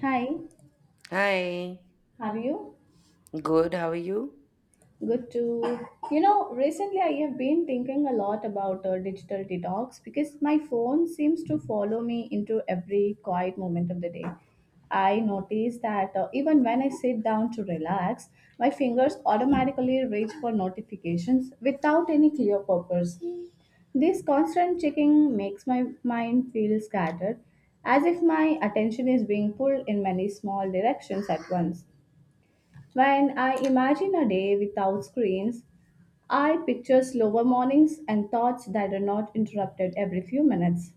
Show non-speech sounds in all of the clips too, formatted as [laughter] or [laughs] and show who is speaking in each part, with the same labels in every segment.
Speaker 1: Hi,
Speaker 2: Hi,
Speaker 1: how are you?
Speaker 2: good, how are you?
Speaker 1: Good to. You know, recently I have been thinking a lot about digital detox because my phone seems to follow me into every quiet moment of the day. I notice that even when I sit down to relax, my fingers automatically reach for notifications without any clear purpose. This constant checking makes my mind feel scattered, as if my attention is being pulled in many small directions at once. When I imagine a day without screens, I picture slower mornings and thoughts that are not interrupted every few minutes.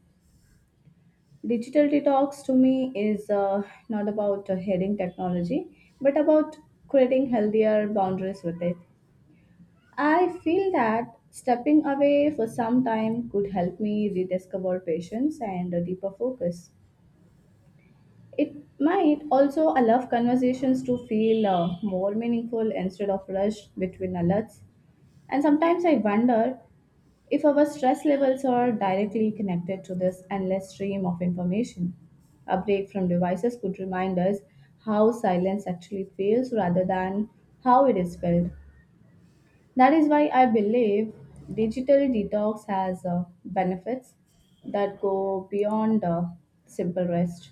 Speaker 1: Digital detox to me is not about hating technology, but about creating healthier boundaries with it. I feel that stepping away for some time could help me rediscover patience and a deeper focus. It might also allow conversations to feel more meaningful instead of rushed between alerts. And sometimes I wonder if our stress levels are directly connected to this endless stream of information. A break from devices could remind us how silence actually feels rather than how it is felt. That is why I believe digital detox has benefits that go beyond simple rest.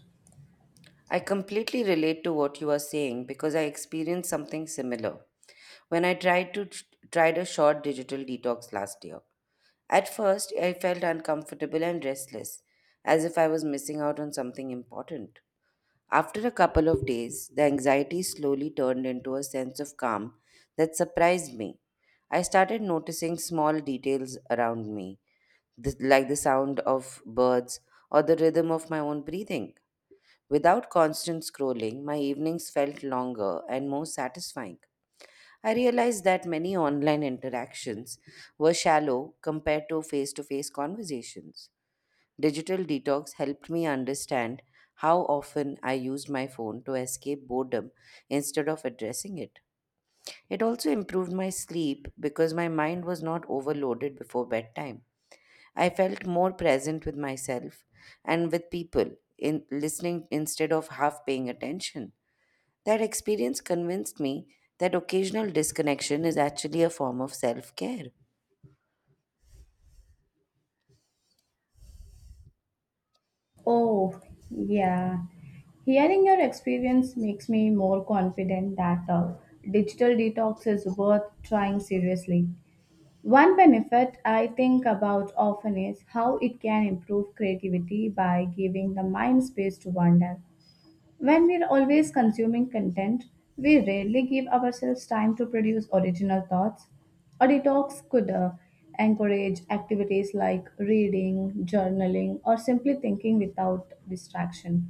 Speaker 2: I completely relate to what you are saying because I experienced something similar when I tried to tried a short digital detox last year. At first, I felt uncomfortable and restless, as if I was missing out on something important. After a couple of days, the anxiety slowly turned into a sense of calm that surprised me. I started noticing small details around me, like the sound of birds or the rhythm of my own breathing. Without constant scrolling, my evenings felt longer and more satisfying. I realized that many online interactions were shallow compared to face conversations. Digital detox helped me understand how often I used my phone to escape boredom instead of addressing it. It also improved my sleep because my mind was not overloaded before bedtime. I felt more present with myself and with people in listening instead of half paying attention. That experience convinced me that occasional disconnection is actually a form of self care.
Speaker 1: Oh, yeah. Hearing your experience makes me more confident that digital detox is worth trying seriously. One benefit I think about often is how it can improve creativity by giving the mind space to wander. When we're always consuming content, we rarely give ourselves time to produce original thoughts. A detox could encourage activities like reading, journaling, or simply thinking without distraction.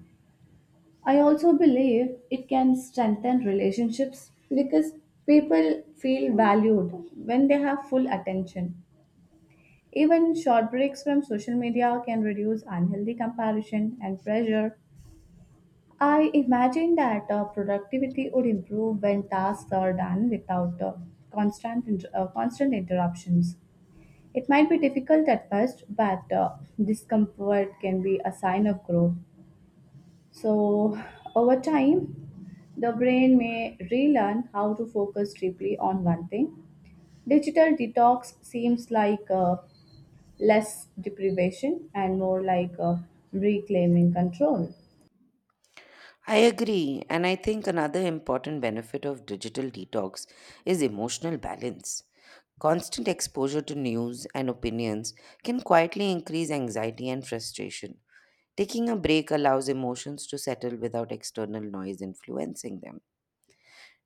Speaker 1: I also believe it can strengthen relationships because people feel valued when they have full attention. Even short breaks from social media can reduce unhealthy comparison and pressure. I imagine that productivity would improve when tasks are done without constant interruptions. It might be difficult at first, but discomfort can be a sign of growth. So, over time, the brain may relearn how to focus deeply on one thing. Digital detox seems like less deprivation and more like reclaiming control.
Speaker 2: I agree, and I think another important benefit of digital detox is emotional balance. Constant exposure to news and opinions can quietly increase anxiety and frustration. Taking a break allows emotions to settle without external noise influencing them.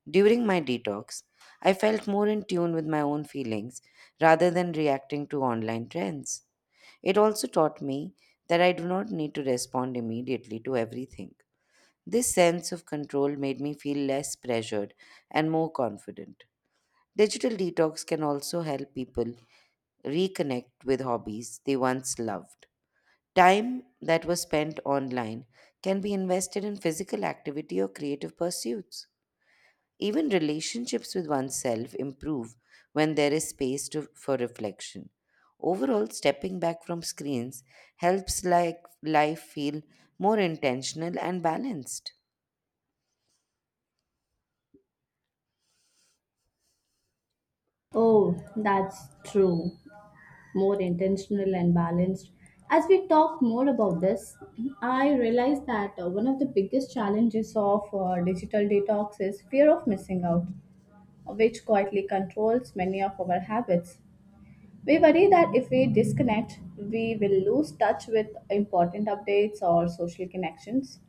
Speaker 2: During my detox, I felt more in tune with my own feelings rather than reacting to online trends. It also taught me that I do not need to respond immediately to everything. This sense of control made me feel less pressured and more confident. Digital detox can also help people reconnect with hobbies they once loved. Time that was spent online can be invested in physical activity or creative pursuits. Even relationships with oneself improve when there is for reflection. Overall, stepping back from screens helps like life feel more intentional and balanced.
Speaker 1: Oh, that's true. More intentional and balanced. As we talk more about this, I realize that one of the biggest challenges of digital detox is fear of missing out, which quietly controls many of our habits. We worry that if we disconnect, we will lose touch with important updates or social connections.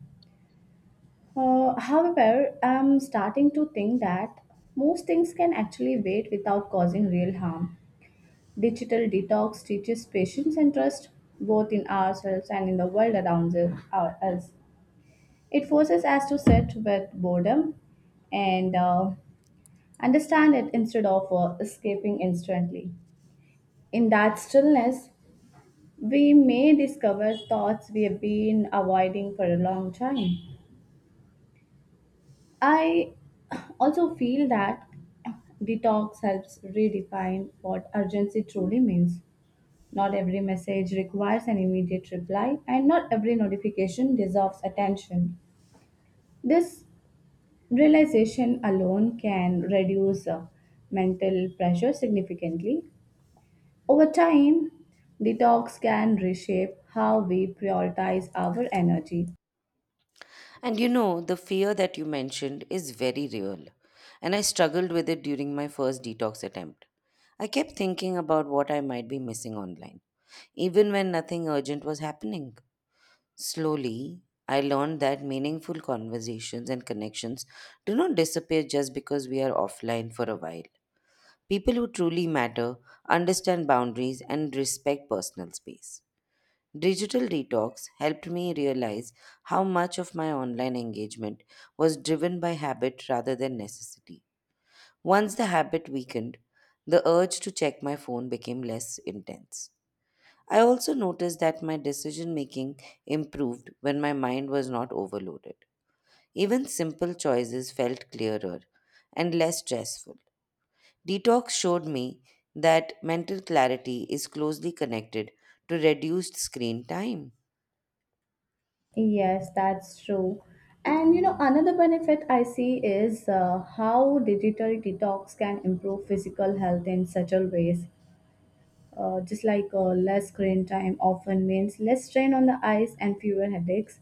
Speaker 1: However, I'm starting to think that most things can actually wait without causing real harm. Digital detox teaches patience and trust both in ourselves and in the world around us. It forces us to sit with boredom and understand it instead of escaping instantly. In that stillness, we may discover thoughts we have been avoiding for a long time. I also feel that detox helps redefine what urgency truly means. Not every message requires an immediate reply, and not every notification deserves attention. This realization alone can reduce mental pressure significantly. Over time, detox can reshape how we prioritize our energy.
Speaker 2: And you know, the fear that you mentioned is very real, and I struggled with it during my first detox attempt. I kept thinking about what I might be missing online, even when nothing urgent was happening. Slowly, I learned that meaningful conversations and connections do not disappear just because we are offline for a while. People who truly matter understand boundaries and respect personal space. Digital detox helped me realize how much of my online engagement was driven by habit rather than necessity. Once the habit weakened, the urge to check my phone became less intense. I also noticed that my decision making improved when my mind was not overloaded. Even simple choices felt clearer and less stressful. Detox showed me that mental clarity is closely connected to reduced screen time.
Speaker 1: Yes, that's true. And you know, another benefit I see is how digital detox can improve physical health in subtle ways. Just like less screen time often means less strain on the eyes and fewer headaches.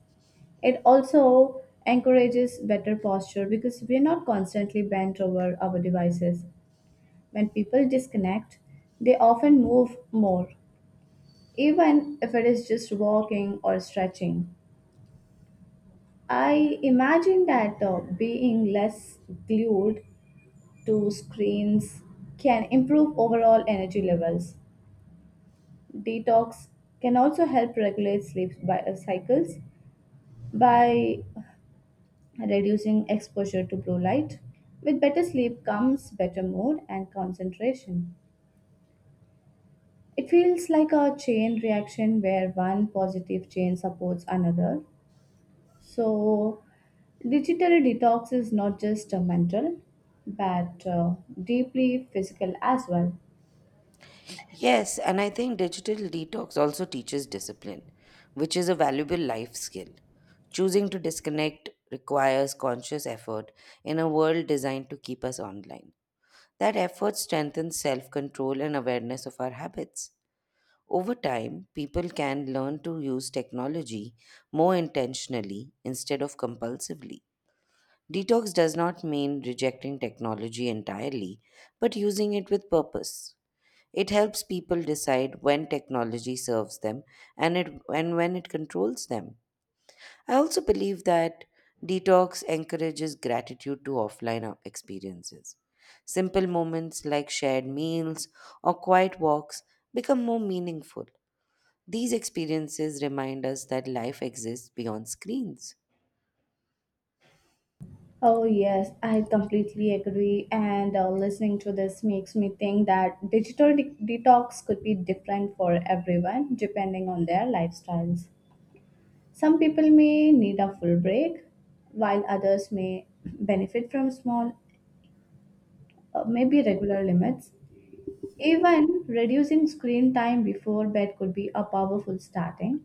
Speaker 1: It also encourages better posture because we're not constantly bent over our devices. When people disconnect, they often move more, even if it is just walking or stretching. I imagine that being less glued to screens can improve overall energy levels. Detox can also help regulate sleep cycles by reducing exposure to blue light. With better sleep comes better mood and concentration. It feels like a chain reaction where one positive chain supports another. So, digital detox is not just mental but deeply physical as well.
Speaker 2: Yes, and I think digital detox also teaches discipline, which is a valuable life skill. Choosing to disconnect requires conscious effort in a world designed to keep us online. That effort strengthens self control and awareness of our habits. Over time, people can learn to use technology more intentionally instead of compulsively. Detox does not mean rejecting technology entirely, but using it with purpose. It helps people decide when technology serves them and when it controls them. I also believe that detox encourages gratitude to experiences. Simple moments like shared meals or quiet walks become more meaningful. These experiences remind us that life exists beyond screens.
Speaker 1: Oh, yes, I completely agree. And listening to this makes me think that detox could be different for everyone depending on their lifestyles. Some people may need a full break, while others may benefit from small, maybe regular limits. Even reducing screen time before bed could be a powerful starting.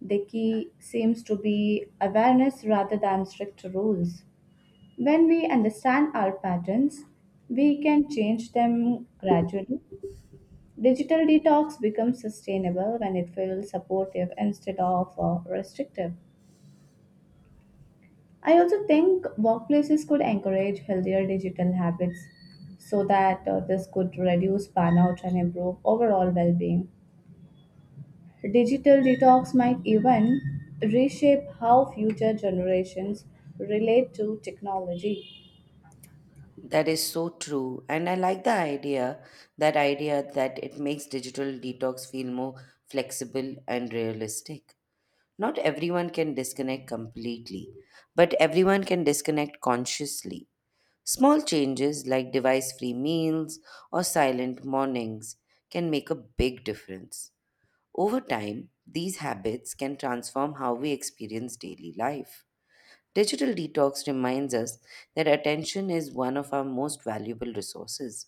Speaker 1: The key seems to be awareness rather than strict rules. When we understand our patterns, we can change them gradually. Digital detox becomes sustainable when it feels supportive instead of restrictive. I also think workplaces could encourage healthier digital habits so that this could reduce burnout and improve overall well being. Digital detox might even reshape how future generations relate to technology.
Speaker 2: That is so true. And I like that idea that it makes digital detox feel more flexible and realistic. Not everyone can disconnect completely, but everyone can disconnect consciously. Small changes like device free meals or silent mornings can make a big difference. Over time, these habits can transform how we experience daily life. Digital detox reminds us that attention is one of our most valuable resources.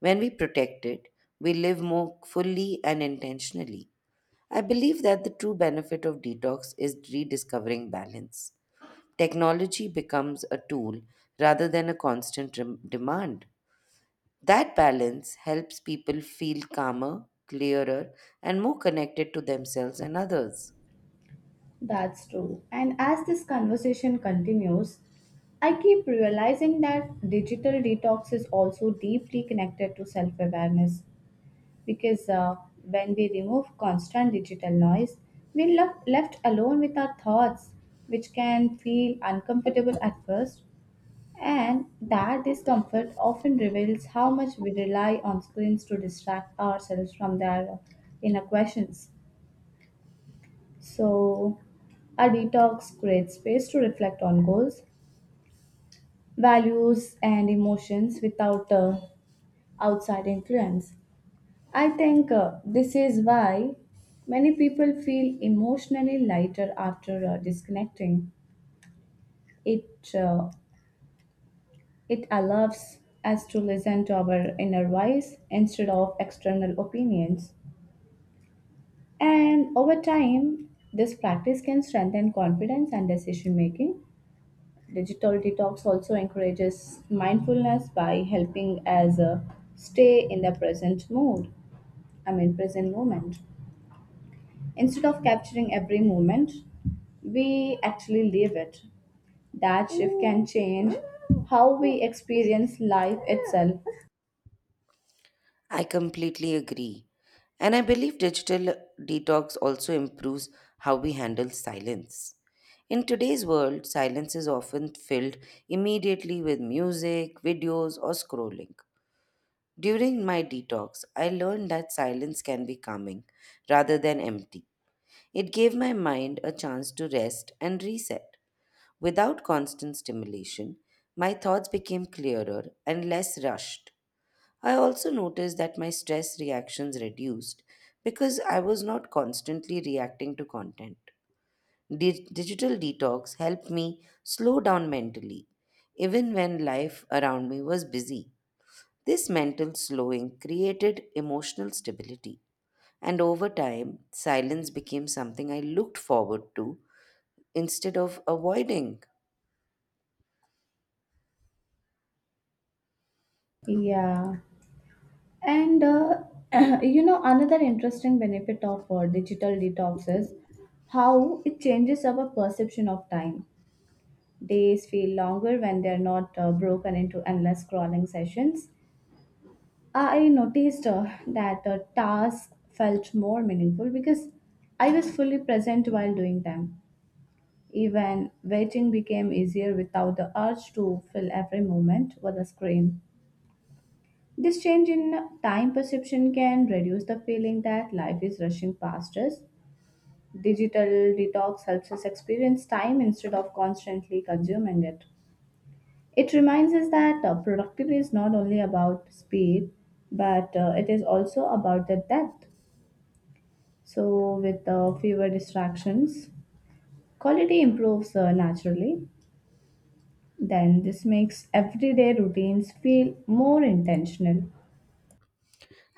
Speaker 2: When we protect it, we live more fully and intentionally. I believe that the true benefit of detox is rediscovering balance. Technology becomes a tool rather than a constant demand. That balance helps people feel calmer, clearer, and more connected to themselves and others.
Speaker 1: That's true. And as this conversation continues, I keep realizing that digital detox is also deeply connected to self awareness because when we remove constant digital noise, we're left alone with our thoughts, which can feel uncomfortable at first. And that discomfort often reveals how much we rely on screens to distract ourselves from their inner questions. So, a detox creates space to reflect on goals, values, and emotions without outside influence. I think this is why many people feel emotionally lighter after disconnecting. It uh, it allows us to listen to our inner voice instead of external opinions. And over time, this practice can strengthen confidence and decision making. Digital detox also encourages mindfulness by helping us stay in the present mood, I mean, present moment. Instead of capturing every moment, we actually live it. That shift can change how we experience life itself.
Speaker 2: I completely agree. And I believe digital detox also improves how we handle silence. In today's world, silence is often filled immediately with music, videos, or scrolling. During my detox, I learned that silence can be calming rather than empty. It gave my mind a chance to rest and reset. Without constant stimulation, my thoughts became clearer and less rushed. I also noticed that my stress reactions reduced because I was not constantly reacting to content. Digital detox helped me slow down mentally, even when life around me was busy. This mental slowing created emotional stability, and over time, silence became something I looked forward to instead of avoiding.
Speaker 1: Yeah. And [clears throat] you know, another interesting benefit of digital detox is how it changes our perception of time. Days feel longer when they're not broken into endless scrolling sessions. I noticed that the tasks felt more meaningful because I was fully present while doing them. Even waiting became easier without the urge to fill every moment with a screen. This change in time perception can reduce the feeling that life is rushing past us. Digital detox helps us experience time instead of constantly consuming it. It reminds us that productivity is not only about speed, but it is also about the depth. So, with fewer distractions, quality improves naturally. Then, this makes everyday routines feel more intentional.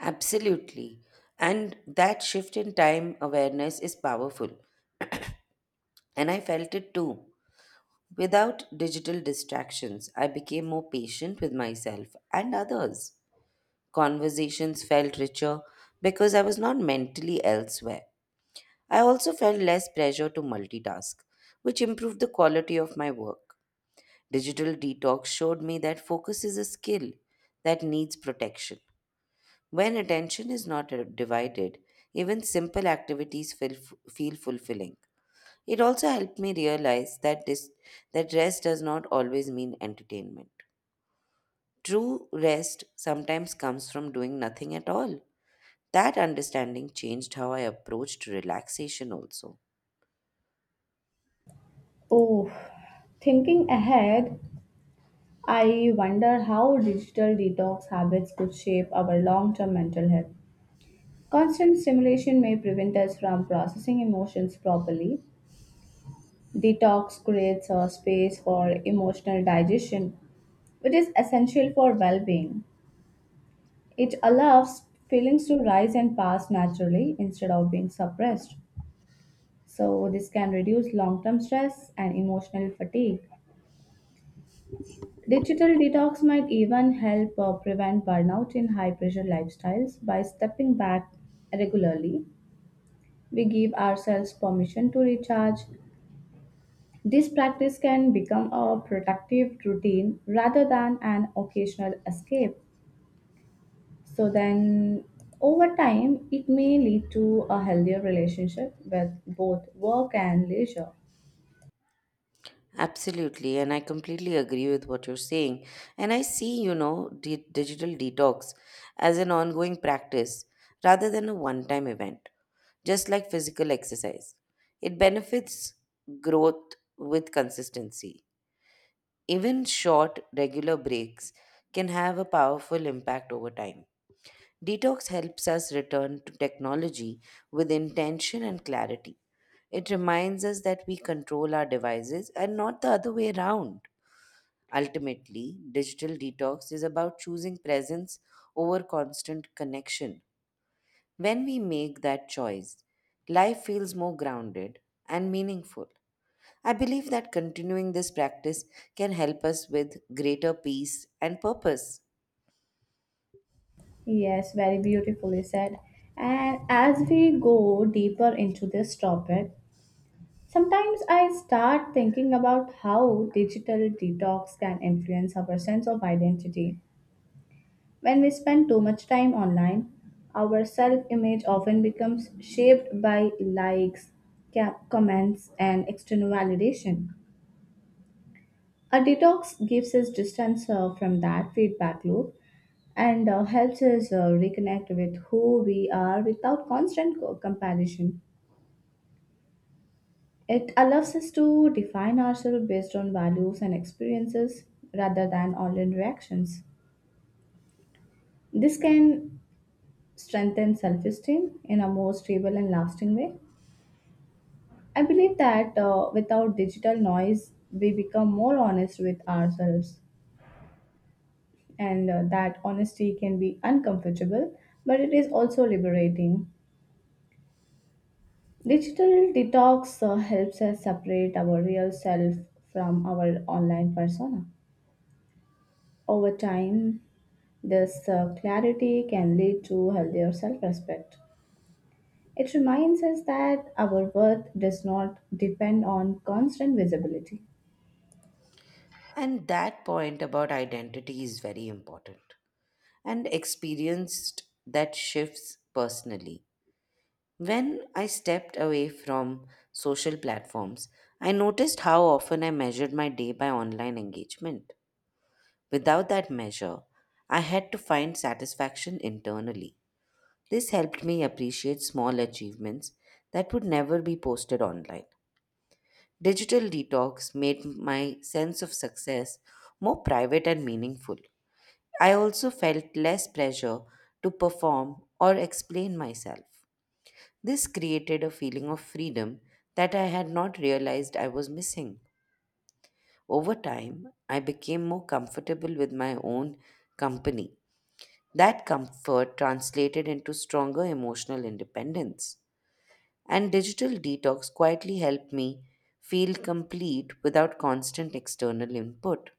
Speaker 2: Absolutely. And that shift in time awareness is powerful, and I felt it too. Without digital distractions, I became more patient with myself and others. Conversations felt richer because I was not mentally elsewhere. I also felt less pressure to multitask, which improved the quality of my work. Digital detox showed me that focus is a skill that needs protection. When attention is not divided, even simple activities feel fulfilling. It also helped me realize that rest does not always mean entertainment. True rest sometimes comes from doing nothing at all. That understanding changed how I approached relaxation also.
Speaker 1: Oh, thinking ahead, I wonder how digital detox habits could shape our long term mental health. Constant stimulation may prevent us from processing emotions properly. Detox creates a space for emotional digestion, which is essential for well being. It allows feelings to rise and pass naturally instead of being suppressed. So, this can reduce long term stress and emotional fatigue. Digital detox might even help prevent burnout in high pressure lifestyles by stepping back regularly. We give ourselves permission to recharge. This practice can become a productive routine rather than an occasional escape. So, then over time, it may lead to a healthier relationship with both work and leisure.
Speaker 2: Absolutely, and I completely agree with what you're saying. And I see, you know, digital detox as an ongoing practice rather than a one time event, just like physical exercise. It benefits growth with consistency. Even short, regular breaks can have a powerful impact over time. Detox helps us return to technology with intention and clarity. It reminds us that we control our devices and not the other way around. Ultimately, digital detox is about choosing presence over constant connection. When we make that choice, life feels more grounded and meaningful. I believe that continuing this practice can help us with greater peace and purpose.
Speaker 1: Yes, very beautifully said. And as we go deeper into this topic, sometimes I start thinking about how digital detox can influence our sense of identity. When we spend too much time online, our self image often becomes shaped by likes, comments, and external validation. A detox gives us distance from that feedback loop and helps us reconnect with who we are without constant comparison. It allows us to define ourselves based on values and experiences rather than online reactions. This can strengthen self esteem in a more stable and lasting way. I believe that without digital noise, we become more honest with ourselves, and that honesty can be uncomfortable, but it is also liberating. Digital detox helps us separate our real self from our online persona. Over time, this clarity can lead to healthier self respect. It reminds us that our worth does not depend on constant visibility.
Speaker 2: And that point about identity is very important, and experienced that shifts personally. When I stepped away from social platforms, I noticed how often I measured my day by online engagement. Without that measure, I had to find satisfaction internally. This helped me appreciate small achievements that would never be posted online. Digital detox made my sense of success more private and meaningful. I also felt less pressure to perform or explain myself. This created a feeling of freedom that I had not realized I was missing. Over time, I became more comfortable with my own company. That comfort translated into stronger emotional independence. And digital detox quietly helped me feel complete without constant external input.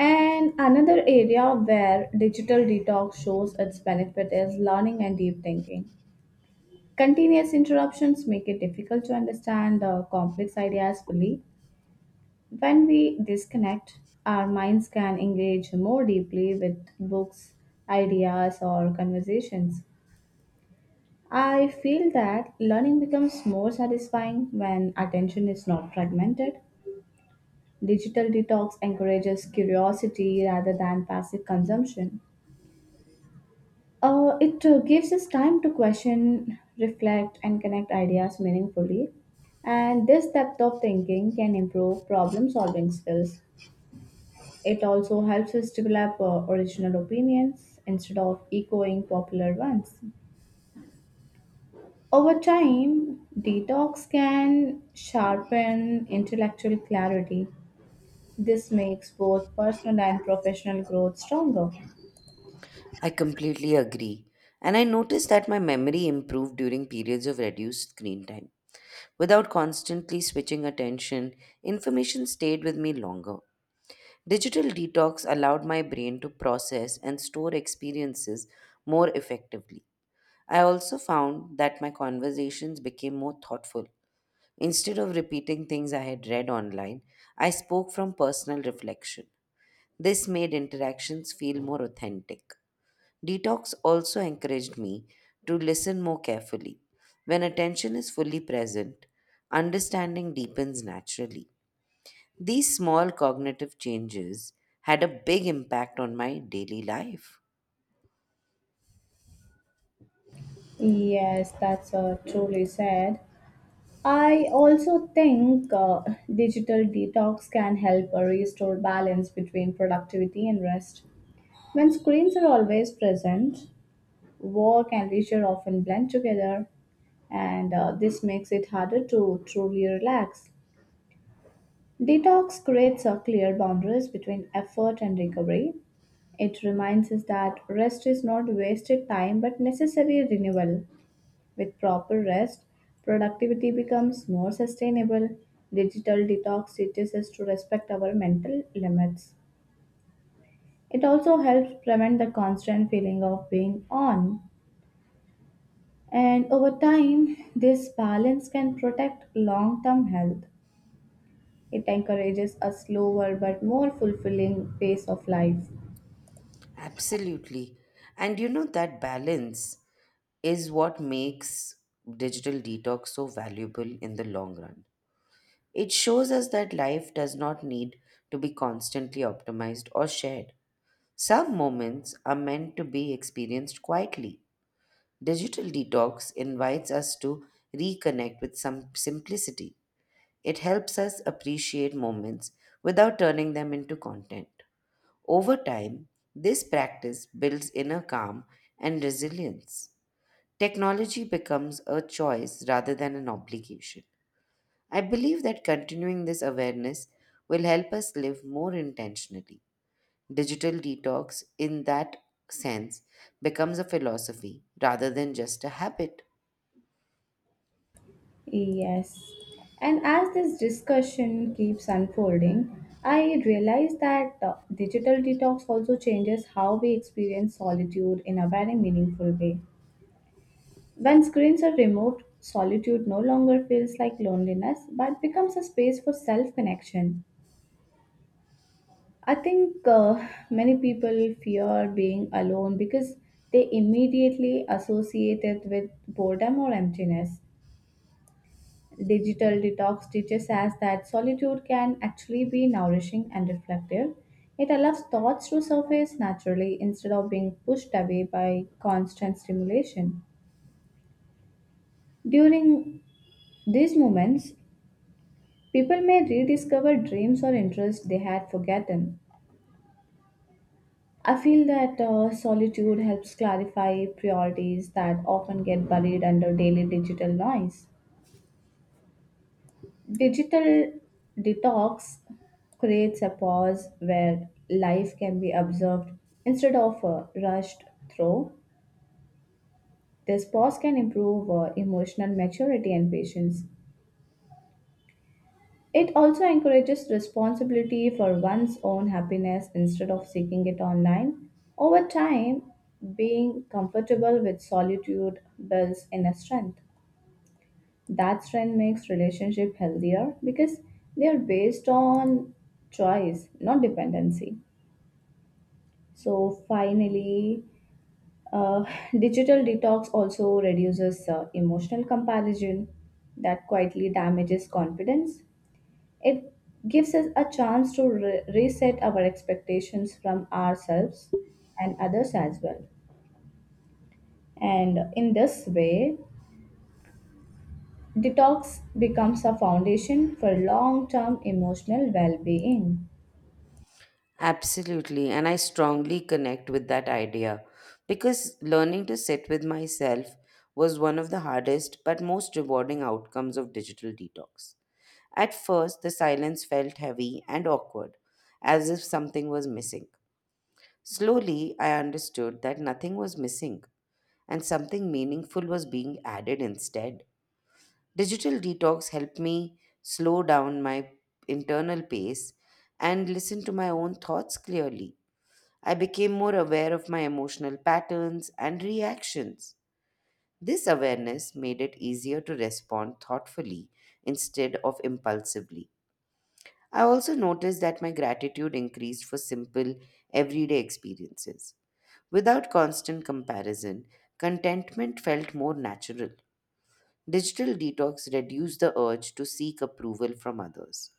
Speaker 1: And another area where digital detox shows its benefit is learning and deep thinking. Continuous interruptions make it difficult to understand complex ideas fully. When we disconnect, our minds can engage more deeply with books, ideas, or conversations. I feel that learning becomes more satisfying when attention is not fragmented. Digital detox encourages curiosity rather than passive consumption. It gives us time to question, reflect, and connect ideas meaningfully. And this depth of thinking can improve problem solving skills. It also helps us develop original opinions instead of echoing popular ones. Over time, detox can sharpen intellectual clarity. This makes both personal and professional growth stronger.
Speaker 2: I completely agree. And I noticed that my memory improved during periods of reduced screen time. Without constantly switching attention, information stayed with me longer. Digital detox allowed my brain to process and store experiences more effectively. I also found that my conversations became more thoughtful. Instead of repeating things I had read online, I spoke from personal reflection. This made interactions feel more authentic. Detox also encouraged me to listen more carefully. When attention is fully present, understanding deepens naturally. These small cognitive changes had a big impact on my daily life.
Speaker 1: Yes, that's truly said. I also think digital detox can help restore balance between productivity and rest. When screens are always present, work and leisure often blend together, and this makes it harder to truly relax. Detox creates a clear boundaries between effort and recovery. It reminds us that rest is not wasted time but necessary renewal. With proper rest, productivity becomes more sustainable. Digital detox teaches us to respect our mental limits. It also helps prevent the constant feeling of being on. And over time, this balance can protect long term health. It encourages a slower but more fulfilling pace of life.
Speaker 2: Absolutely. And you know, that balance is what makes digital detox so valuable in the long run. It shows us that life does not need to be constantly optimized or shared. Some moments are meant to be experienced quietly. Digital detox invites us to reconnect with some simplicity. It helps us appreciate moments without turning them into content. Over time, this practice builds inner calm and resilience. Technology becomes a choice rather than an obligation. I believe that continuing this awareness will help us live more intentionally. Digital detox, in that sense, becomes a philosophy rather than just a habit.
Speaker 1: Yes. And as this discussion keeps unfolding, I realize that digital detox also changes how we experience solitude in a very meaningful way. When screens are removed, solitude no longer feels like loneliness but becomes a space for self connection. I think many people fear being alone because they immediately associate it with boredom or emptiness. Digital detox teaches us that solitude can actually be nourishing and reflective. It allows thoughts to surface naturally instead of being pushed away by constant stimulation. During these moments, people may rediscover dreams or interests they had forgotten. I feel that solitude helps clarify priorities that often get buried under daily digital noise. Digital detox creates a pause where life can be observed instead of rushed through. This pause can improve emotional maturity and patience. It also encourages responsibility for one's own happiness instead of seeking it online. Over time, being comfortable with solitude builds inner strength. That strength makes relationship healthier because they are based on choice, not dependency. So finally, uh, [laughs] [sighs] digital detox also reduces emotional comparison that quietly damages confidence. It gives us a chance to reset our expectations from ourselves and others as well, and in this way detox becomes a foundation for long-term emotional well-being.
Speaker 2: Absolutely, and I strongly connect with that idea because learning to sit with myself was one of the hardest but most rewarding outcomes of digital detox. At first, the silence felt heavy and awkward, as if something was missing. Slowly, I understood that nothing was missing and something meaningful was being added instead. Digital detox helped me slow down my internal pace and listen to my own thoughts clearly. I became more aware of my emotional patterns and reactions. This awareness made it easier to respond thoughtfully instead of impulsively. I also noticed that my gratitude increased for simple, everyday experiences. Without constant comparison, contentment felt more natural. Digital detox reduced the urge to seek approval from others.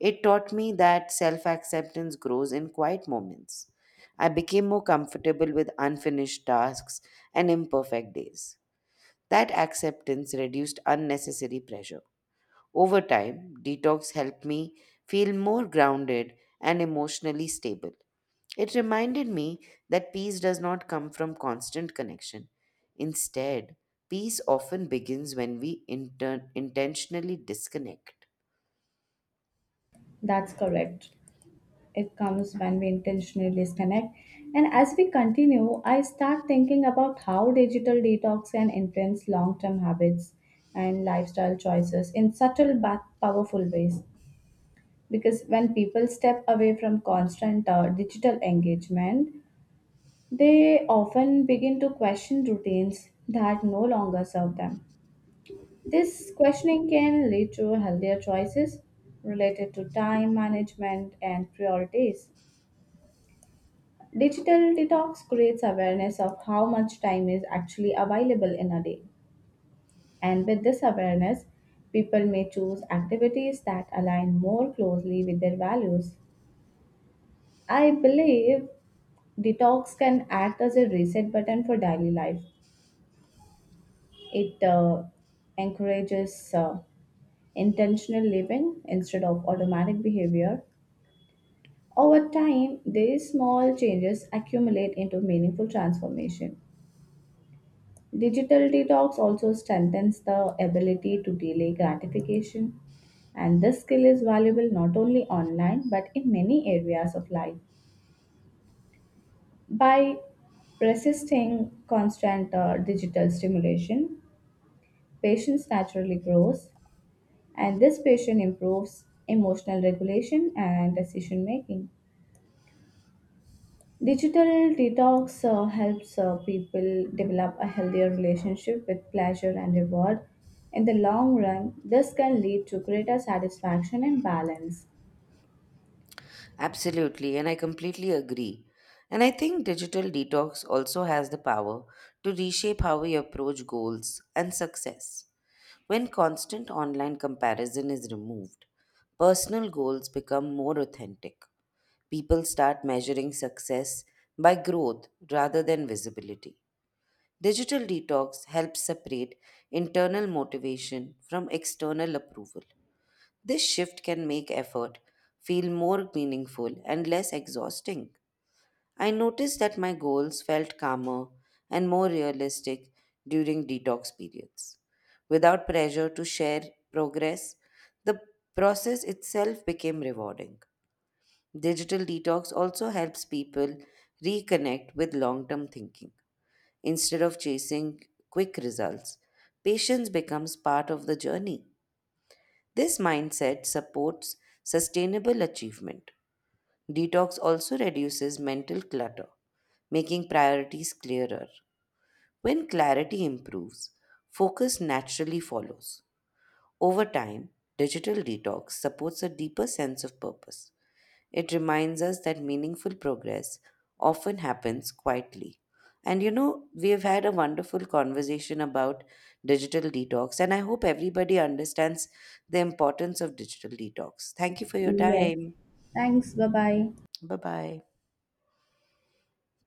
Speaker 2: It taught me that self acceptance grows in quiet moments. I became more comfortable with unfinished tasks and imperfect days. That acceptance reduced unnecessary pressure. Over time, detox helped me feel more grounded and emotionally stable. It reminded me that peace does not come from constant connection. Instead, peace often begins when we intentionally disconnect.
Speaker 1: That's correct. It comes when we intentionally disconnect. And as we continue, I start thinking about how digital detox can influence long term habits and lifestyle choices in subtle but powerful ways. Because when people step away from constant digital engagement, they often begin to question routines that no longer serve them. This questioning can lead to healthier choices related to time management and priorities. Digital detox creates awareness of how much time is actually available in a day. And with this awareness, people may choose activities that align more closely with their values. I believe detox can act as a reset button for daily life. It encourages intentional living instead of automatic behavior. Over time, these small changes accumulate into meaningful transformation. Digital detox also strengthens the ability to delay gratification, and this skill is valuable not only online but in many areas of life. By resisting constant digital stimulation, patience naturally grows, and this patient improves emotional regulation and decision making. Digital detox helps people develop a healthier relationship with pleasure and reward. In the long run, this can lead to greater satisfaction and balance.
Speaker 2: Absolutely, and I completely agree. And I think digital detox also has the power to reshape how we approach goals and success. When constant online comparison is removed, personal goals become more authentic. People start measuring success by growth rather than visibility. Digital detox helps separate internal motivation from external approval. This shift can make effort feel more meaningful and less exhausting. I noticed that my goals felt calmer and more realistic during detox periods. Without pressure to share progress, the process itself became rewarding. Digital detox also helps people reconnect with long term thinking. Instead of chasing quick results, patience becomes part of the journey. This mindset supports sustainable achievement. Detox also reduces mental clutter, making priorities clearer. When clarity improves, focus naturally follows. Over time, digital detox supports a deeper sense of purpose. It reminds us that meaningful progress often happens quietly. And you know, we've had a wonderful conversation about digital detox, and I hope everybody understands the importance of digital detox. Thank you for your
Speaker 1: Yes.
Speaker 2: time.
Speaker 1: Thanks. Bye bye.
Speaker 2: Bye bye.